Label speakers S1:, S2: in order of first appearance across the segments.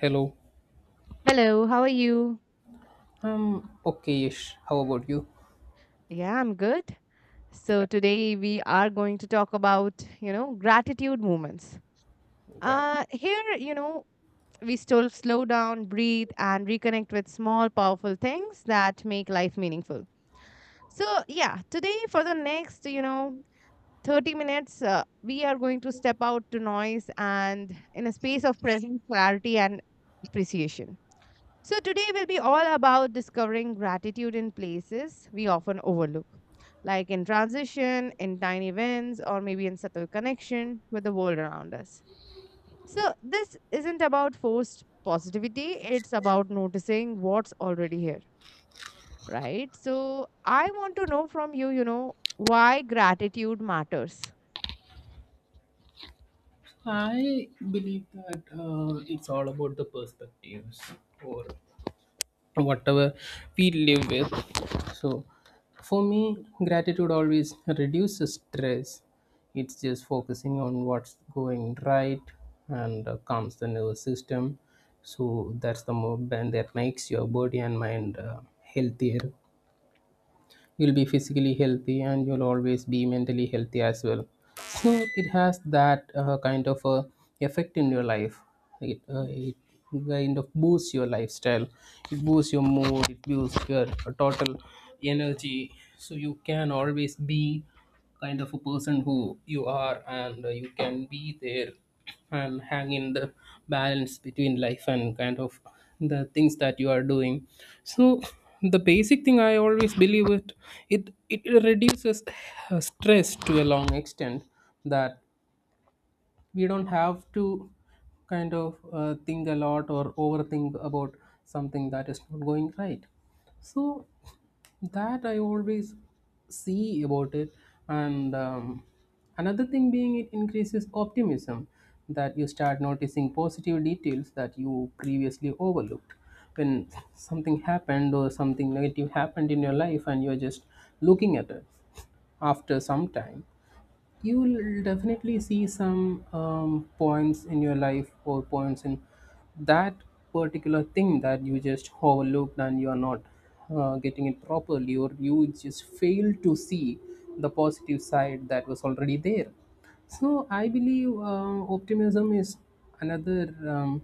S1: Hello.
S2: Hello, how are you?
S1: Okayish. How about you?
S2: Yeah, I'm good. So today we are going to talk about, gratitude moments. Here, we still slow down, breathe and reconnect with small powerful things that make life meaningful. So, yeah, today for the next, 30 minutes, we are going to step out to noise and in a space of present clarity and appreciation. So, today will be all about discovering gratitude in places we often overlook, like in transition, in tiny events, or maybe in subtle connection with the world around us. So, this isn't about forced positivity, it's about noticing what's already here, right? So, I want to know from you, why gratitude matters.
S1: I believe that it's all about the perspectives or whatever we live with. So, for me, gratitude always reduces stress. It's just focusing on what's going right and calms the nervous system. So, that's the movement that makes your body and mind healthier. You'll be physically healthy and you'll always be mentally healthy as well. So it has that kind of a effect in your life. It, it kind of boosts your lifestyle, it boosts your mood, it boosts your total energy. So you can always be kind of a person who you are, and you can be there and hang in the balance between life and kind of the things that you are doing. So the basic thing I always believe it, it reduces stress to a long extent, that we don't have to kind of think a lot or overthink about something that is not going right. So that I always see about it. And another thing being, it increases optimism, that you start noticing positive details that you previously overlooked. When something happened or something negative happened in your life and you're just looking at it, after some time, you will definitely see some points in your life or points in that particular thing that you just overlooked and you are not getting it properly, or you just fail to see the positive side that was already there. So I believe optimism is another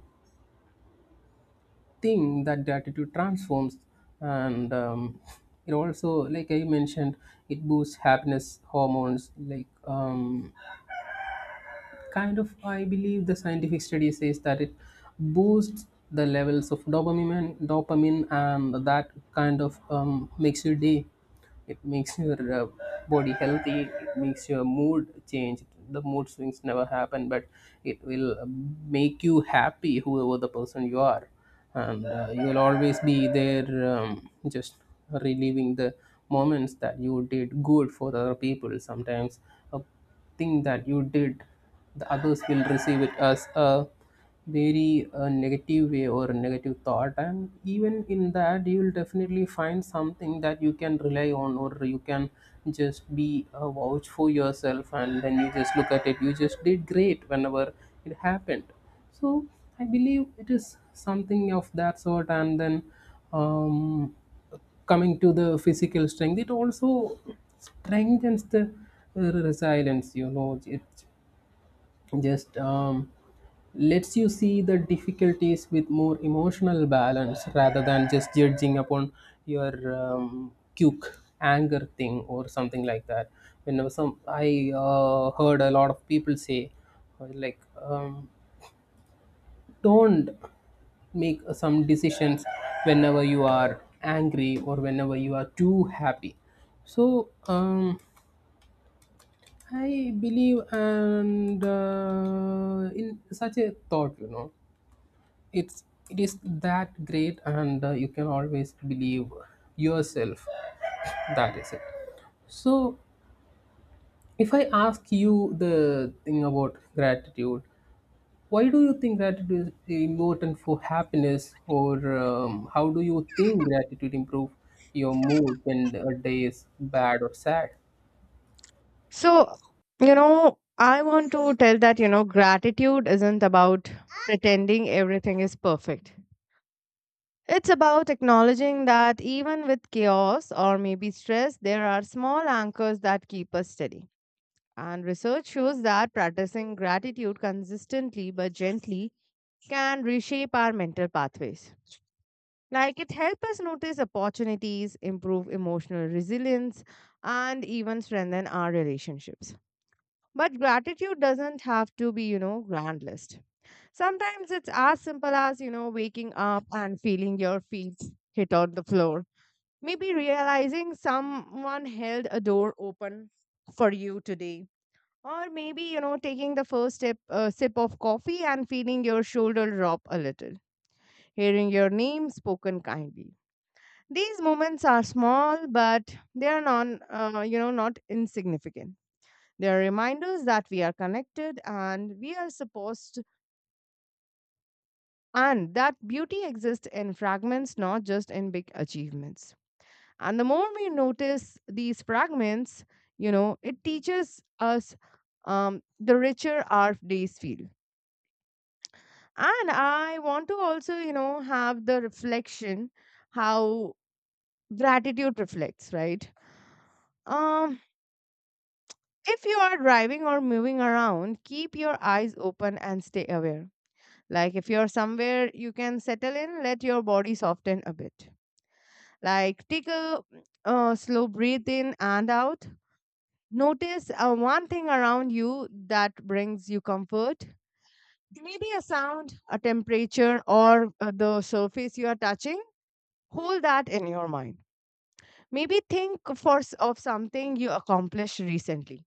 S1: thing that gratitude transforms. And it also, like I mentioned, it boosts happiness hormones like, kind of, I believe the scientific study says that it boosts the levels of dopamine and dopamine, and that kind of makes your day. It makes your body healthy, it makes your mood change. The mood swings never happen, but it will make you happy whoever the person you are. And you will always be there, just relieving the moments that you did good for the other people. Sometimes a thing that you did, the others will receive it as a very negative way or a negative thought. And even in that, you will definitely find something that you can rely on, or you can just be a vouch for yourself. And then you just look at it, you just did great whenever it happened. So, I believe it is something of that sort, and then. Um, Coming to the physical strength, it also strengthens the resilience, you know. It just lets you see the difficulties with more emotional balance rather than just judging upon your cuke anger thing or something like that. You know, some I heard a lot of people say, like, um, don't make some decisions whenever you are angry or whenever you are too happy. So I believe, and in such a thought, you know, it's, it is that great, and you can always believe yourself. That is it. So if I ask you the thing about gratitude, why do you think gratitude is important for happiness, or how do you think gratitude improve your mood when a day is bad or sad?
S2: So, I want to tell that, gratitude isn't about pretending everything is perfect. It's about acknowledging that even with chaos or maybe stress, there are small anchors that keep us steady. And research shows that practicing gratitude consistently but gently can reshape our mental pathways. Like it helps us notice opportunities, improve emotional resilience, and even strengthen our relationships. But gratitude doesn't have to be, grand list. Sometimes it's as simple as, waking up and feeling your feet hit on the floor. Maybe realizing someone held a door open for you today. Or maybe, taking the first sip of coffee and feeling your shoulder drop a little, hearing your name spoken kindly. These moments are small, but they are not insignificant. They are reminders that we are connected and we are supposed to, and that beauty exists in fragments, not just in big achievements. And the more we notice these fragments, it teaches us the richer our days feel. And I want to also, have the reflection how gratitude reflects, right? Um, if you are driving or moving around, keep your eyes open and stay aware. Like if you're somewhere you can settle in, let your body soften a bit. Like take a slow breath in and out. Notice one thing around you that brings you comfort. Maybe a sound, a temperature, or the surface you are touching. Hold that in your mind. Maybe think of something you accomplished recently.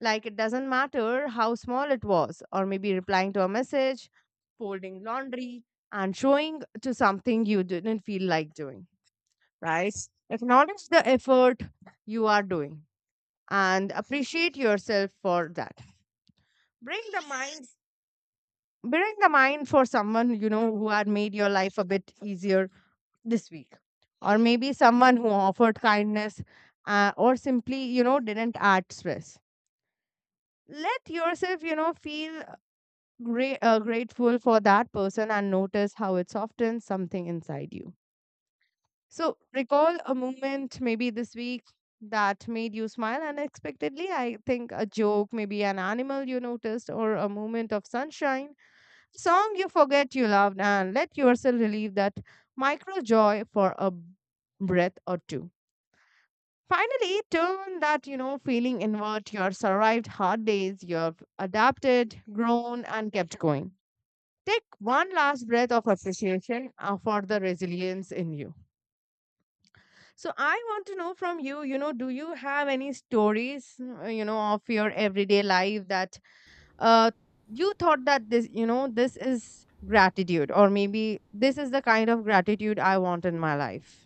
S2: Like it doesn't matter how small it was, or maybe replying to a message, folding laundry, and showing to something you didn't feel like doing, right? Acknowledge the effort you are doing and appreciate yourself for that. bring the mind bring the mind for someone who had made your life a bit easier this week, or maybe someone who offered kindness, or simply didn't add stress. Let yourself feel grateful for that person and notice how it softens something inside you. So recall a moment maybe this week that made you smile unexpectedly. I think a joke, maybe an animal you noticed, or a moment of sunshine, song you forget you loved, and let yourself relieve that micro joy for a breath or two. Finally, turn that, feeling inward. You have survived hard days. You have adapted, grown, and kept going. Take one last breath of appreciation for the resilience in you. So, I want to know from you, do you have any stories, of your everyday life that uh, you thought that this you know this is gratitude, or maybe this is the kind of gratitude I want in my life?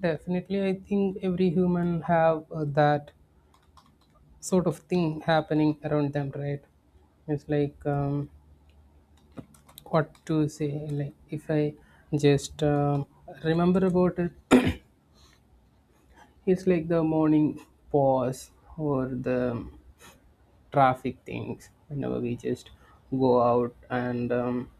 S1: Definitely, I think every human have that sort of thing happening around them, right? It's like, what to say. Like if I just remember about it, it's like the morning pause, or the traffic things whenever we just go out and,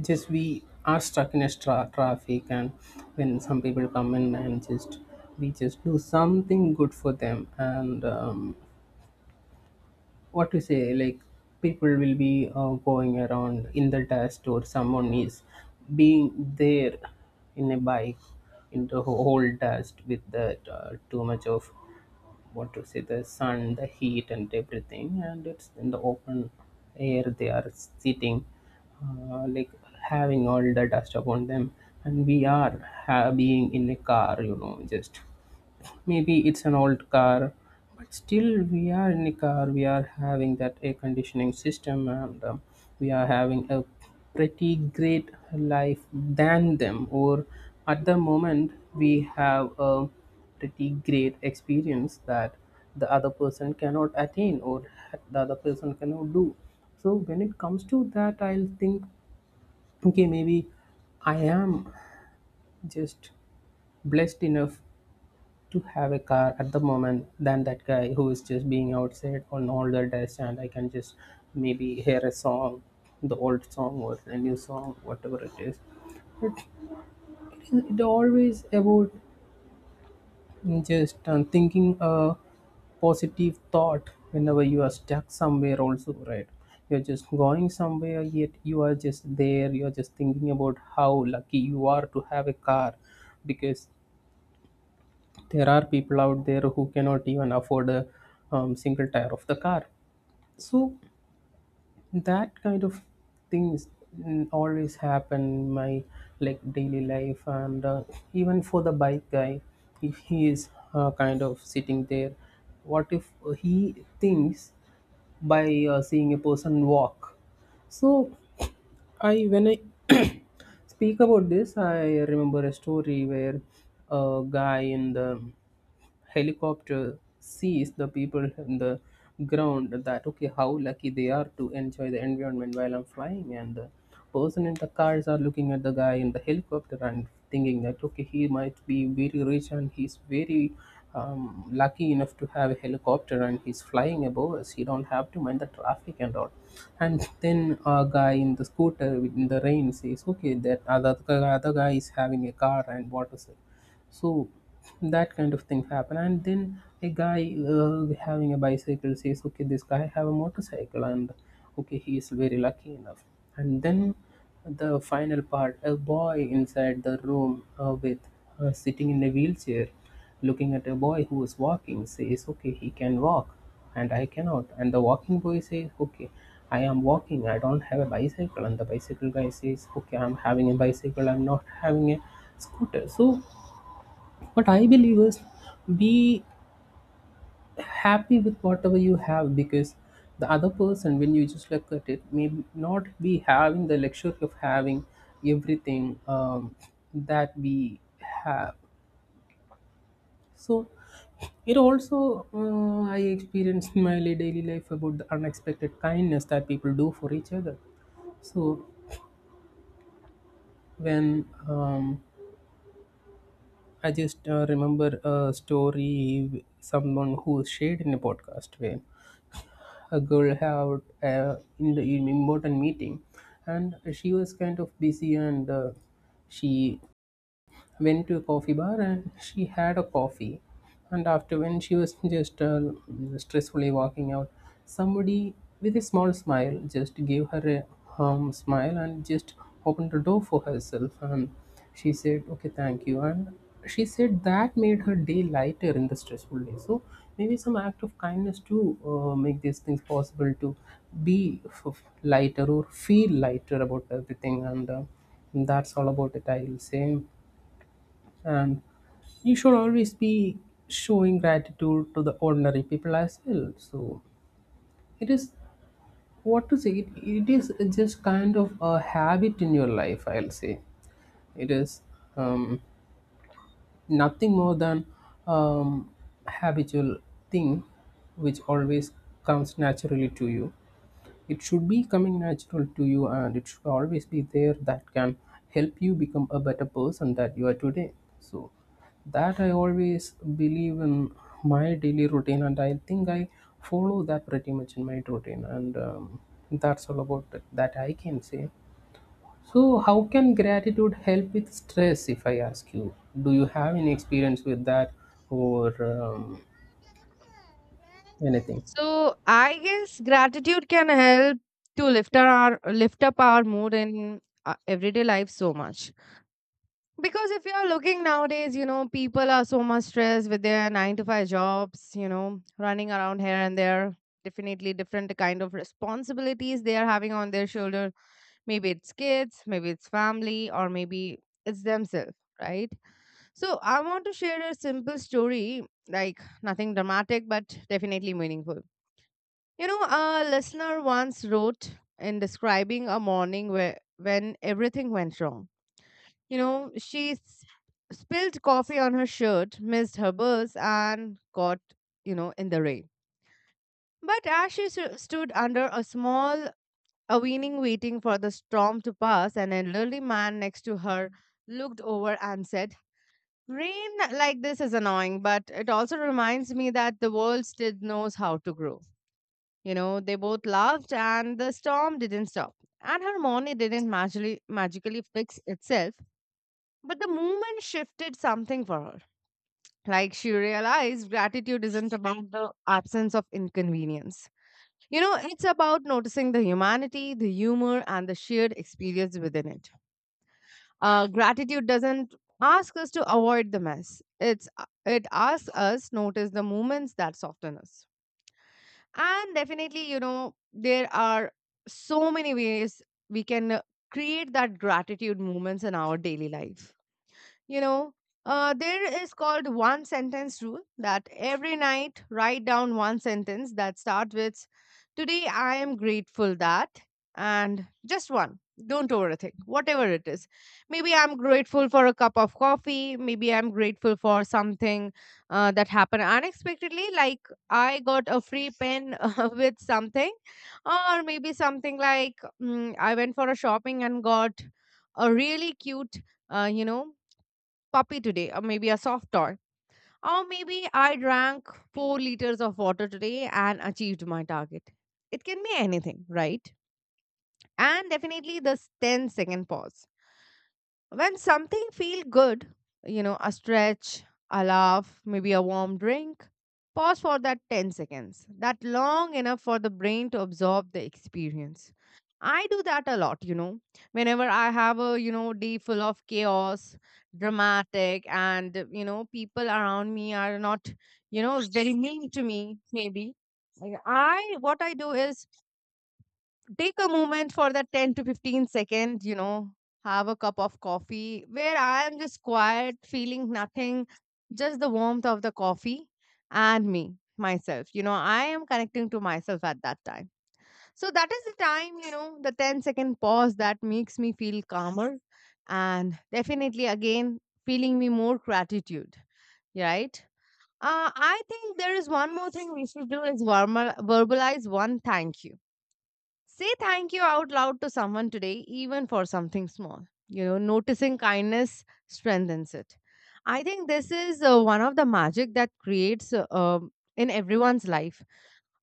S1: just we are stuck in a traffic, and when some people come in and just we just do something good for them and, what to say, like people will be going around in the dust, or someone is being there in a bike in the whole dust with that too much of, what to say, the sun, the heat and everything, and it's in the open air they are sitting, like having all the dust upon them. And we are being in a car, you know, just maybe it's an old car, but still we are in a car. We are having that air conditioning system, and we are having a pretty great life than them. Or at the moment, we have a pretty great experience that the other person cannot attain or the other person cannot do. So when it comes to that, I'll think, okay, maybe I am just blessed enough to have a car at the moment than that guy who is just being outside on all the days, and I can just maybe hear a song, the old song or the new song, whatever it is. But it, is, it always about just thinking a positive thought whenever you are stuck somewhere also, right? You're just going somewhere, yet you are just there, you're just thinking about how lucky you are to have a car, because there are people out there who cannot even afford a single tire of the car. So that kind of things mm, always happen in my like daily life. And even for the bike guy, if he is kind of sitting there, what if he thinks by seeing a person walk. So I, when I speak about this, I remember a story where a guy in the helicopter sees the people in the ground, that okay, how lucky they are to enjoy the environment while I'm flying. And the person in the cars are looking at the guy in the helicopter and thinking that okay, he might be very rich and he's very lucky enough to have a helicopter, and he's flying above us, he don't have to mind the traffic and all. And then a guy in the scooter in the rain says, okay, that other, the other guy is having a car and what is. So that kind of things happen. And then a guy having a bicycle says, okay, this guy have a motorcycle and okay, he is very lucky enough. And then the final part, a boy inside the room, with sitting in a wheelchair, looking at a boy who is walking says, okay, he can walk and I cannot. And the walking boy says, okay, I am walking, I don't have a bicycle. And the bicycle guy says, okay, I'm having a bicycle, I'm not having a scooter. So what I believe is, be happy with whatever you have, because the other person when you just look at it may not be having the luxury of having everything that we have. So it also I experienced in my daily life about the unexpected kindness that people do for each other. So when um, I just remember a story, someone who shared in a podcast, where a girl had a in the important meeting, and she was kind of busy, and she went to a coffee bar and she had a coffee. And after, when she was just stressfully walking out, somebody with a small smile just gave her a smile and just opened the door for herself, and she said okay, thank you. And she said that made her day lighter in the stressful day. So maybe some act of kindness to make these things possible, to be lighter or feel lighter about everything. And that's all about it, I'll say. And you should always be showing gratitude to the ordinary people as well. So it is, what to say, it is just kind of a habit in your life, I'll say. It is um, nothing more than um, habitual thing, which always comes naturally to you. It should be coming natural to you, and it should always be there, that can help you become a better person that you are today. So that I always believe in my daily routine, and I think I follow that pretty much in my routine. And that's all about that I can say. So, how can gratitude help with stress? If I ask you, do you have any experience with that, or anything?
S2: So I guess gratitude can help to lift up our mood in everyday life so much. Because if you're looking nowadays, people are so much stressed with their nine to five jobs, running around here and there. Definitely different kind of responsibilities they are having on their shoulder. Maybe it's kids, maybe it's family, or maybe it's themselves, right? So I want to share a simple story, like nothing dramatic, but definitely meaningful. You know, a listener once wrote in describing a morning where when everything went wrong, you know, she s- spilled coffee on her shirt, missed her bus, and got, in the rain. But as stood under a small awning waiting for the storm to pass, an elderly man next to her looked over and said, "Rain like this is annoying, but it also reminds me that the world still knows how to grow." You know, they both laughed, and the storm didn't stop. And her morning didn't magically fix itself, but the moment shifted something for her. Like she realized gratitude isn't about the absence of inconvenience. You know, it's about noticing the humanity, the humor, and the shared experience within it. Gratitude doesn't ask us to avoid the mess. It asks us notice the moments that soften us. And definitely, there are so many ways we can create that gratitude moments in our daily life. you know there is called one sentence rule, that every night write down one sentence that starts with, "Today I am grateful that," and just one. Don't overthink whatever it is. Maybe I'm grateful for a cup of coffee, maybe I'm grateful for something that happened unexpectedly, like I got a free pen with something. Or maybe something like, I went for a shopping and got a really cute, uh, you know puppy today, or maybe a soft toy. Or maybe I drank 4 liters of water today and achieved my target. It can be anything, right? And definitely this ten-second pause. When something feel good, a stretch, a laugh, maybe a warm drink, pause for that 10 seconds. That long enough for the brain to absorb the experience. I do that a lot, Whenever I have a, day full of chaos, dramatic, and, people around me are not, very mean to me, maybe. Like, what I do is take a moment for that 10 to 15 seconds. you know have a cup of coffee where I am just quiet, feeling nothing, just the warmth of the coffee and me myself. I am connecting to myself at that time. So that is the time, the 10-second pause that makes me feel calmer, and definitely again feeling me more gratitude, right? uh, I think there is one more thing we should do, is verbalize one thank you. Say thank you out loud to someone today, even for something small. You know, noticing kindness strengthens it. I think this is one of the magic that creates in everyone's life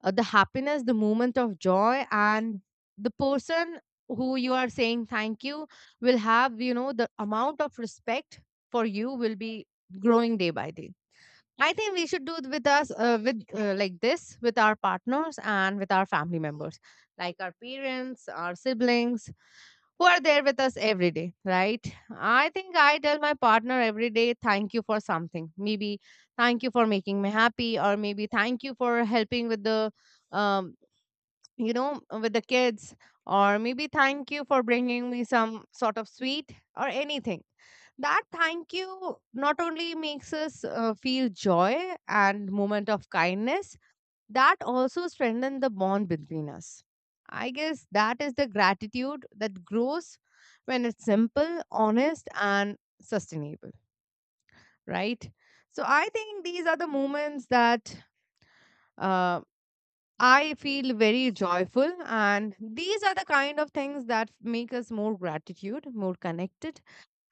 S2: the happiness, the moment of joy, and the person who you are saying thank you will have, the amount of respect for you will be growing day by day. I think we should do it with us with like this with our partners and with our family members, like our parents, our siblings, who are there with us every day, right? I think I tell my partner every day, thank you for something. Maybe thank you for making me happy, or maybe thank you for helping with the, um, with the kids, or maybe thank you for bringing me some sort of sweet or anything. That thank you not only makes us feel joy and moment of kindness, that also strengthens the bond between us. I guess that is the gratitude that grows when it's simple, honest, and sustainable, right? So I think these are the moments that. Uh, I feel very joyful, and these are the kind of things that make us more gratitude, more connected,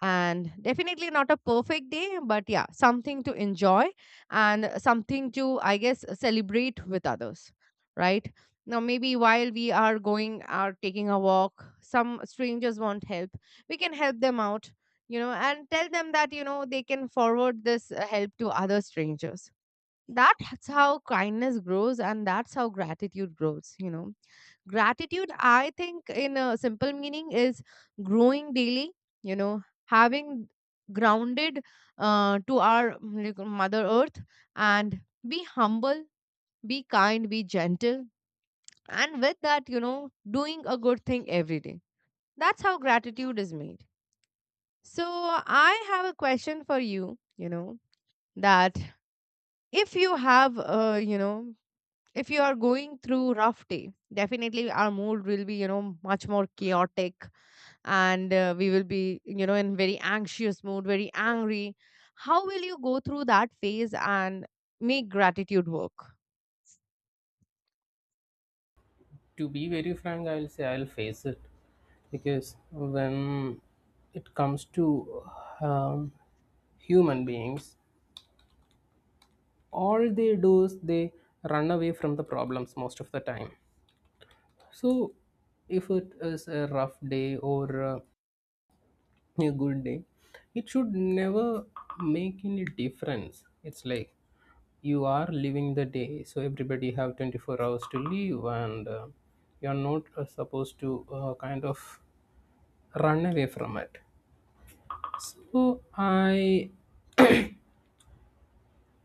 S2: and definitely not a perfect day, but yeah, something to enjoy and something to, I guess, celebrate with others, right? Now, maybe while we are going or taking a walk, some strangers want help. We can help them out, and tell them that, they can forward this help to other strangers. That's how kindness grows, and that's how gratitude grows, you know. Gratitude, I think, in a simple meaning, is growing daily, having grounded to our, like, Mother Earth, and be humble, be kind, be gentle, and with that, doing a good thing every day. That's how gratitude is made. So, I have a question for you, you know, that if you have, you know, if you are going through rough day, definitely our mood will be, you know, much more chaotic, and we will be, you know, in very anxious mood, very angry. How will you go through that phase and make gratitude work?
S1: To be very frank, I'll say I'll face it. Because when it comes to um, human beings, all they do is they run away from the problems most of the time. So, if it is a rough day or a good day, it should never make any difference. It's like you are living the day, so everybody have 24 hours to live, and you're not supposed to kind of run away from it. So I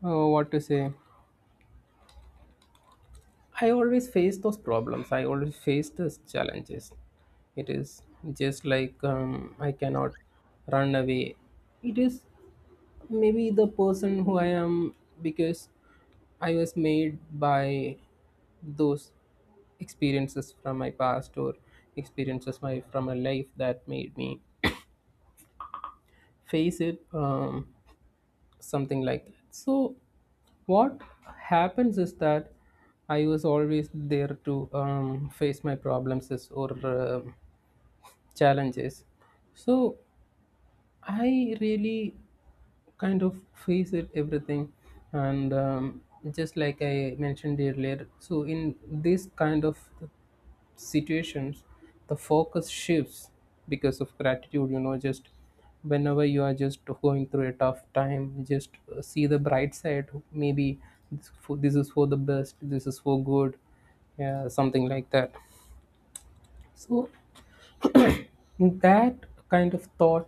S1: what to say I always face those problems, I always face those challenges. It is just like, I cannot run away. It is maybe the person who I am, because I was made by those experiences from my past, or experiences my from my life that made me face it, something like that. So what happens is that I was always there to face my problems or challenges. So I really kind of face it everything. And just like I mentioned earlier, so in this kind of situations, the focus shifts because of gratitude, you know. Just whenever you are just going through a tough time, just see the bright side. Maybe this is for the best, this is for good, yeah, something like that. So that kind of thought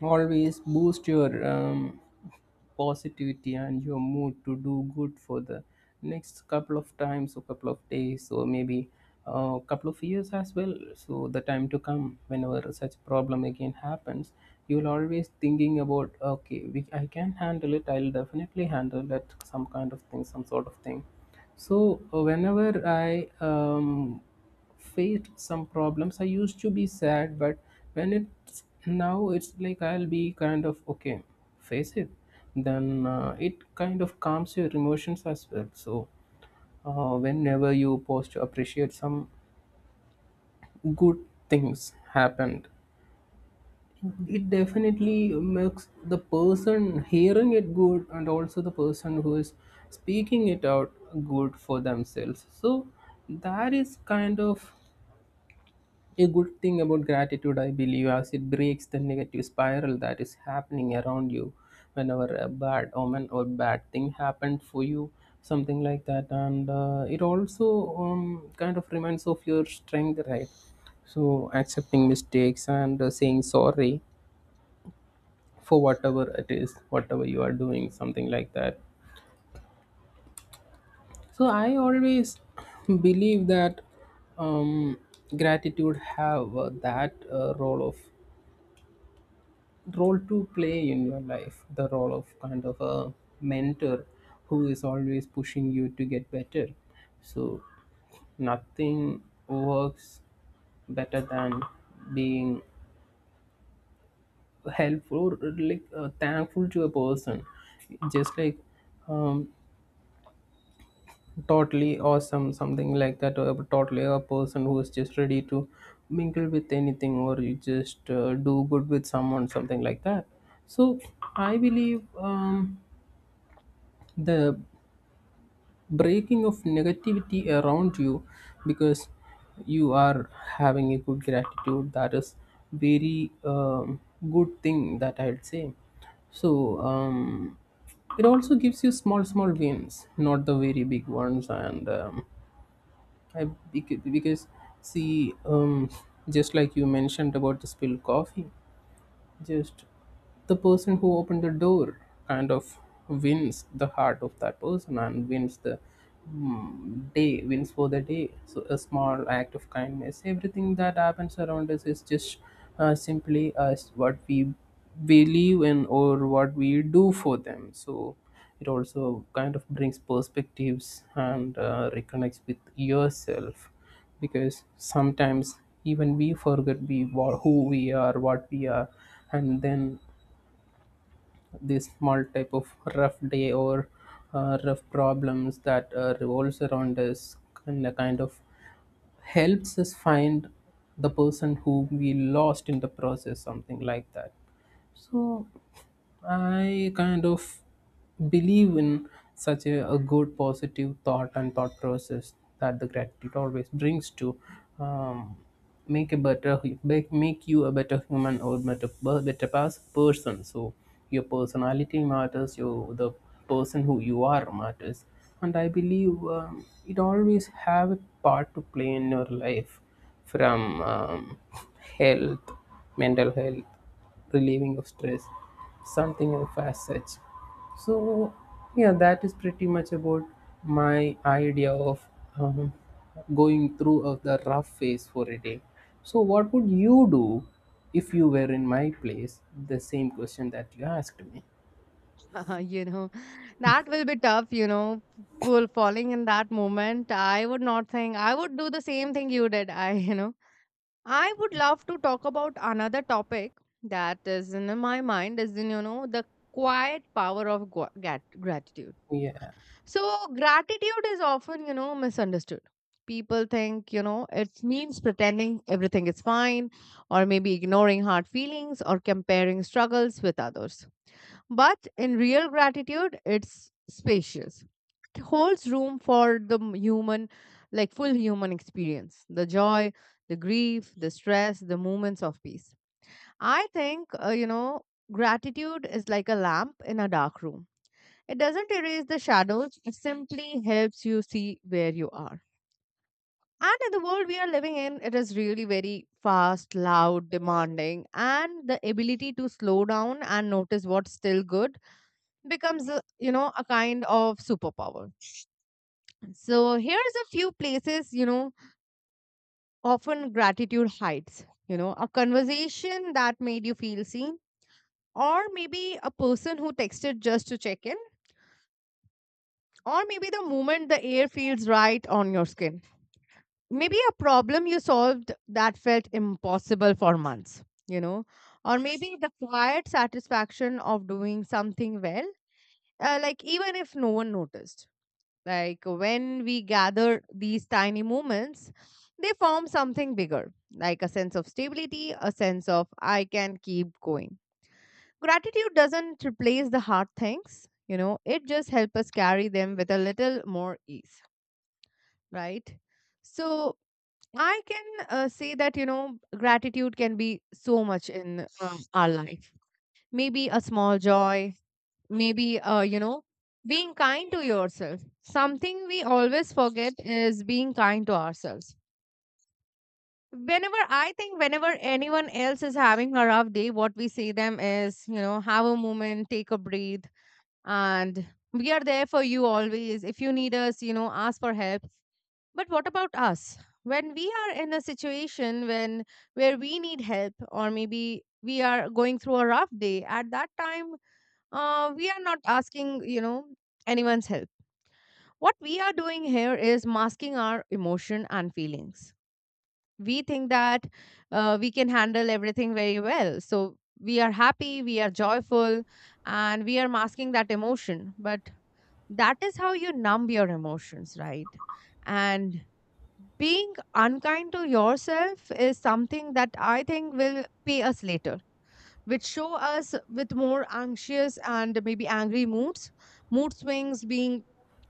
S1: always boost your positivity and your mood to do good for the next couple of times, or couple of days, or maybe a couple of years as well. So the time to come, whenever such problem again happens, you'll always thinking about, okay, I can handle it, I'll definitely handle that, some kind of thing, some sort of thing. So whenever I faced some problems, I used to be sad. But when it's now, it's like I'll be kind of okay, face it. Then it kind of calms your emotions as well. So whenever you pause to appreciate some good things happened, it definitely makes the person hearing it good, and also the person who is speaking it out good for themselves. So that is kind of a good thing about gratitude, I believe, as it breaks the negative spiral that is happening around you whenever a bad omen or bad thing happened for you, something like that. And it also kind of reminds of your strength, right? So accepting mistakes and saying sorry for whatever it is, whatever you are doing, something like that. So I always believe that um, gratitude have that role to play in your life, the role of kind of a mentor who is always pushing you to get better. So nothing works better than being helpful, or like thankful to a person. Just like um, totally awesome, something like that, or totally a person who is just ready to mingle with anything, or you just do good with someone, something like that. So I believe, the breaking of negativity around you because you are having a good gratitude, that is very good thing that I'd say. So it also gives you small small wins, not the very big ones. And I, because, see, just like you mentioned about the spilled coffee, just the person who opened the door kind of wins the heart of that person, and wins the day, wins for the day. So a small act of kindness, everything that happens around us is just simply us, what we believe in or what we do for them. So it also kind of brings perspectives and reconnects with yourself, because sometimes even we forget who we are, what we are. And then this small type of rough day, or rough problems that revolves around us, kind of helps us find the person who we lost in the process, something like that. So I kind of believe in a good positive thought and thought process that the gratitude always brings to um, make a make you a better human, or better per- better pers- person. So your personality matters. Your The person who you are matters, and I believe it always have a part to play in your life, from health, mental health, relieving of stress, something of as such. So yeah, that is pretty much about my idea of um, going through of the rough phase for a day. So what would you do if you were in my place? The same question that you asked me.
S2: You know, that will be tough, you know, full falling in that moment. I would not think I would do the same thing you did, I you know, I would love to talk about another topic that is in my mind, is in, you know, the quiet power of gratitude.
S1: Yeah,
S2: So gratitude is often, you know, misunderstood. People think, you know, it means pretending everything is fine, or maybe ignoring hard feelings or comparing struggles with others. But in real gratitude, it's spacious, holds room for the human, like full human experience, the joy, the grief, the stress, the moments of peace. I think you know, gratitude is like a lamp in a dark room. It doesn't erase the shadows, it simply helps you see where you are. And in the world we are living in, it is really very fast, loud, demanding, and the ability to slow down and notice what's still good becomes a, you know, a kind of superpower. So here's a few places, you know, often gratitude hides, you know, a conversation that made you feel seen, or maybe a person who texted just to check in, or maybe the moment the air feels right on your skin. Maybe a problem you solved that felt impossible for months, you know, or maybe the quiet satisfaction of doing something well, like even if no one noticed. Like when we gather these tiny moments, they form something bigger, like a sense of stability, a sense of I can keep going. Gratitude doesn't replace the hard things, you know, it just helps us carry them with a little more ease, right? So I can say that, you know, gratitude can be so much in our life. Maybe a small joy, maybe you know, being kind to yourself, something we always forget is being kind to ourselves. Whenever I think, whenever anyone else is having a rough day, what we say them is, you know, have a moment, take a breathe, and we are there for you always. If you need us, you know, ask for help. But what about us, when we are in a situation when, where we need help, or maybe we are going through a rough day? At that time, we are not asking, you know, anyone's help. What we are doing here is masking our emotion and feelings. We think that we can handle everything very well, so we are happy, we are joyful, and we are masking that emotion. But that is how you numb your emotions, right? And being unkind to yourself is something that I think will pay us later, which show us with more anxious and maybe angry moods. Mood swings being,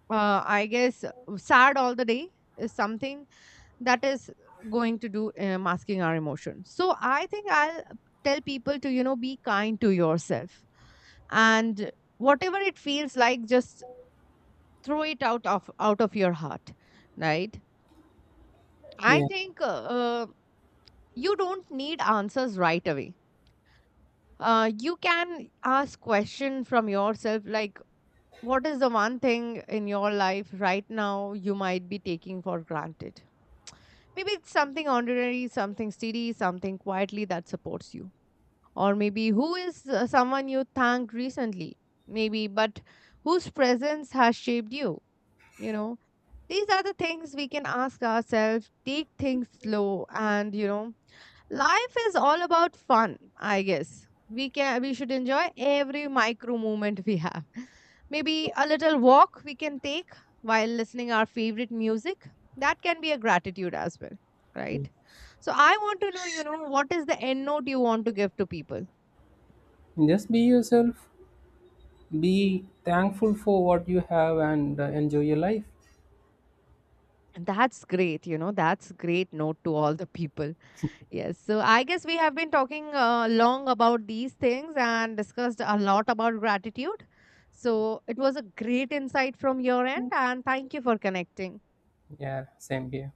S2: I guess, sad all the day is something that is going to do, masking our emotions. So I think I'll tell people to, you know, be kind to yourself, and whatever it feels like, just throw it out of your heart, right? I
S1: yeah.
S2: think you don't need answers right away. You can ask question from yourself like, what is the one thing in your life right now you might be taking for granted? Maybe it's something ordinary, something steady, something quietly that supports you. Or maybe who is someone you thanked recently? Maybe, but whose presence has shaped you? You know, these are the things we can ask ourselves, take things slow, and you know, life is all about fun. I guess we can, we should enjoy every micro moment we have. Maybe a little walk we can take while listening our favorite music, that can be a gratitude as well,
S1: yeah.
S2: right? So I want to know, you know, what is the end note you want to give to people?
S1: Just be yourself. Be thankful for what you have, and enjoy your life.
S2: And that's great, you know, that's great note to all the people. Yes. So I guess we have been talking long about these things and discussed a lot about gratitude. So it was a great insight from your end, and thank you for connecting.
S1: Yeah, same here.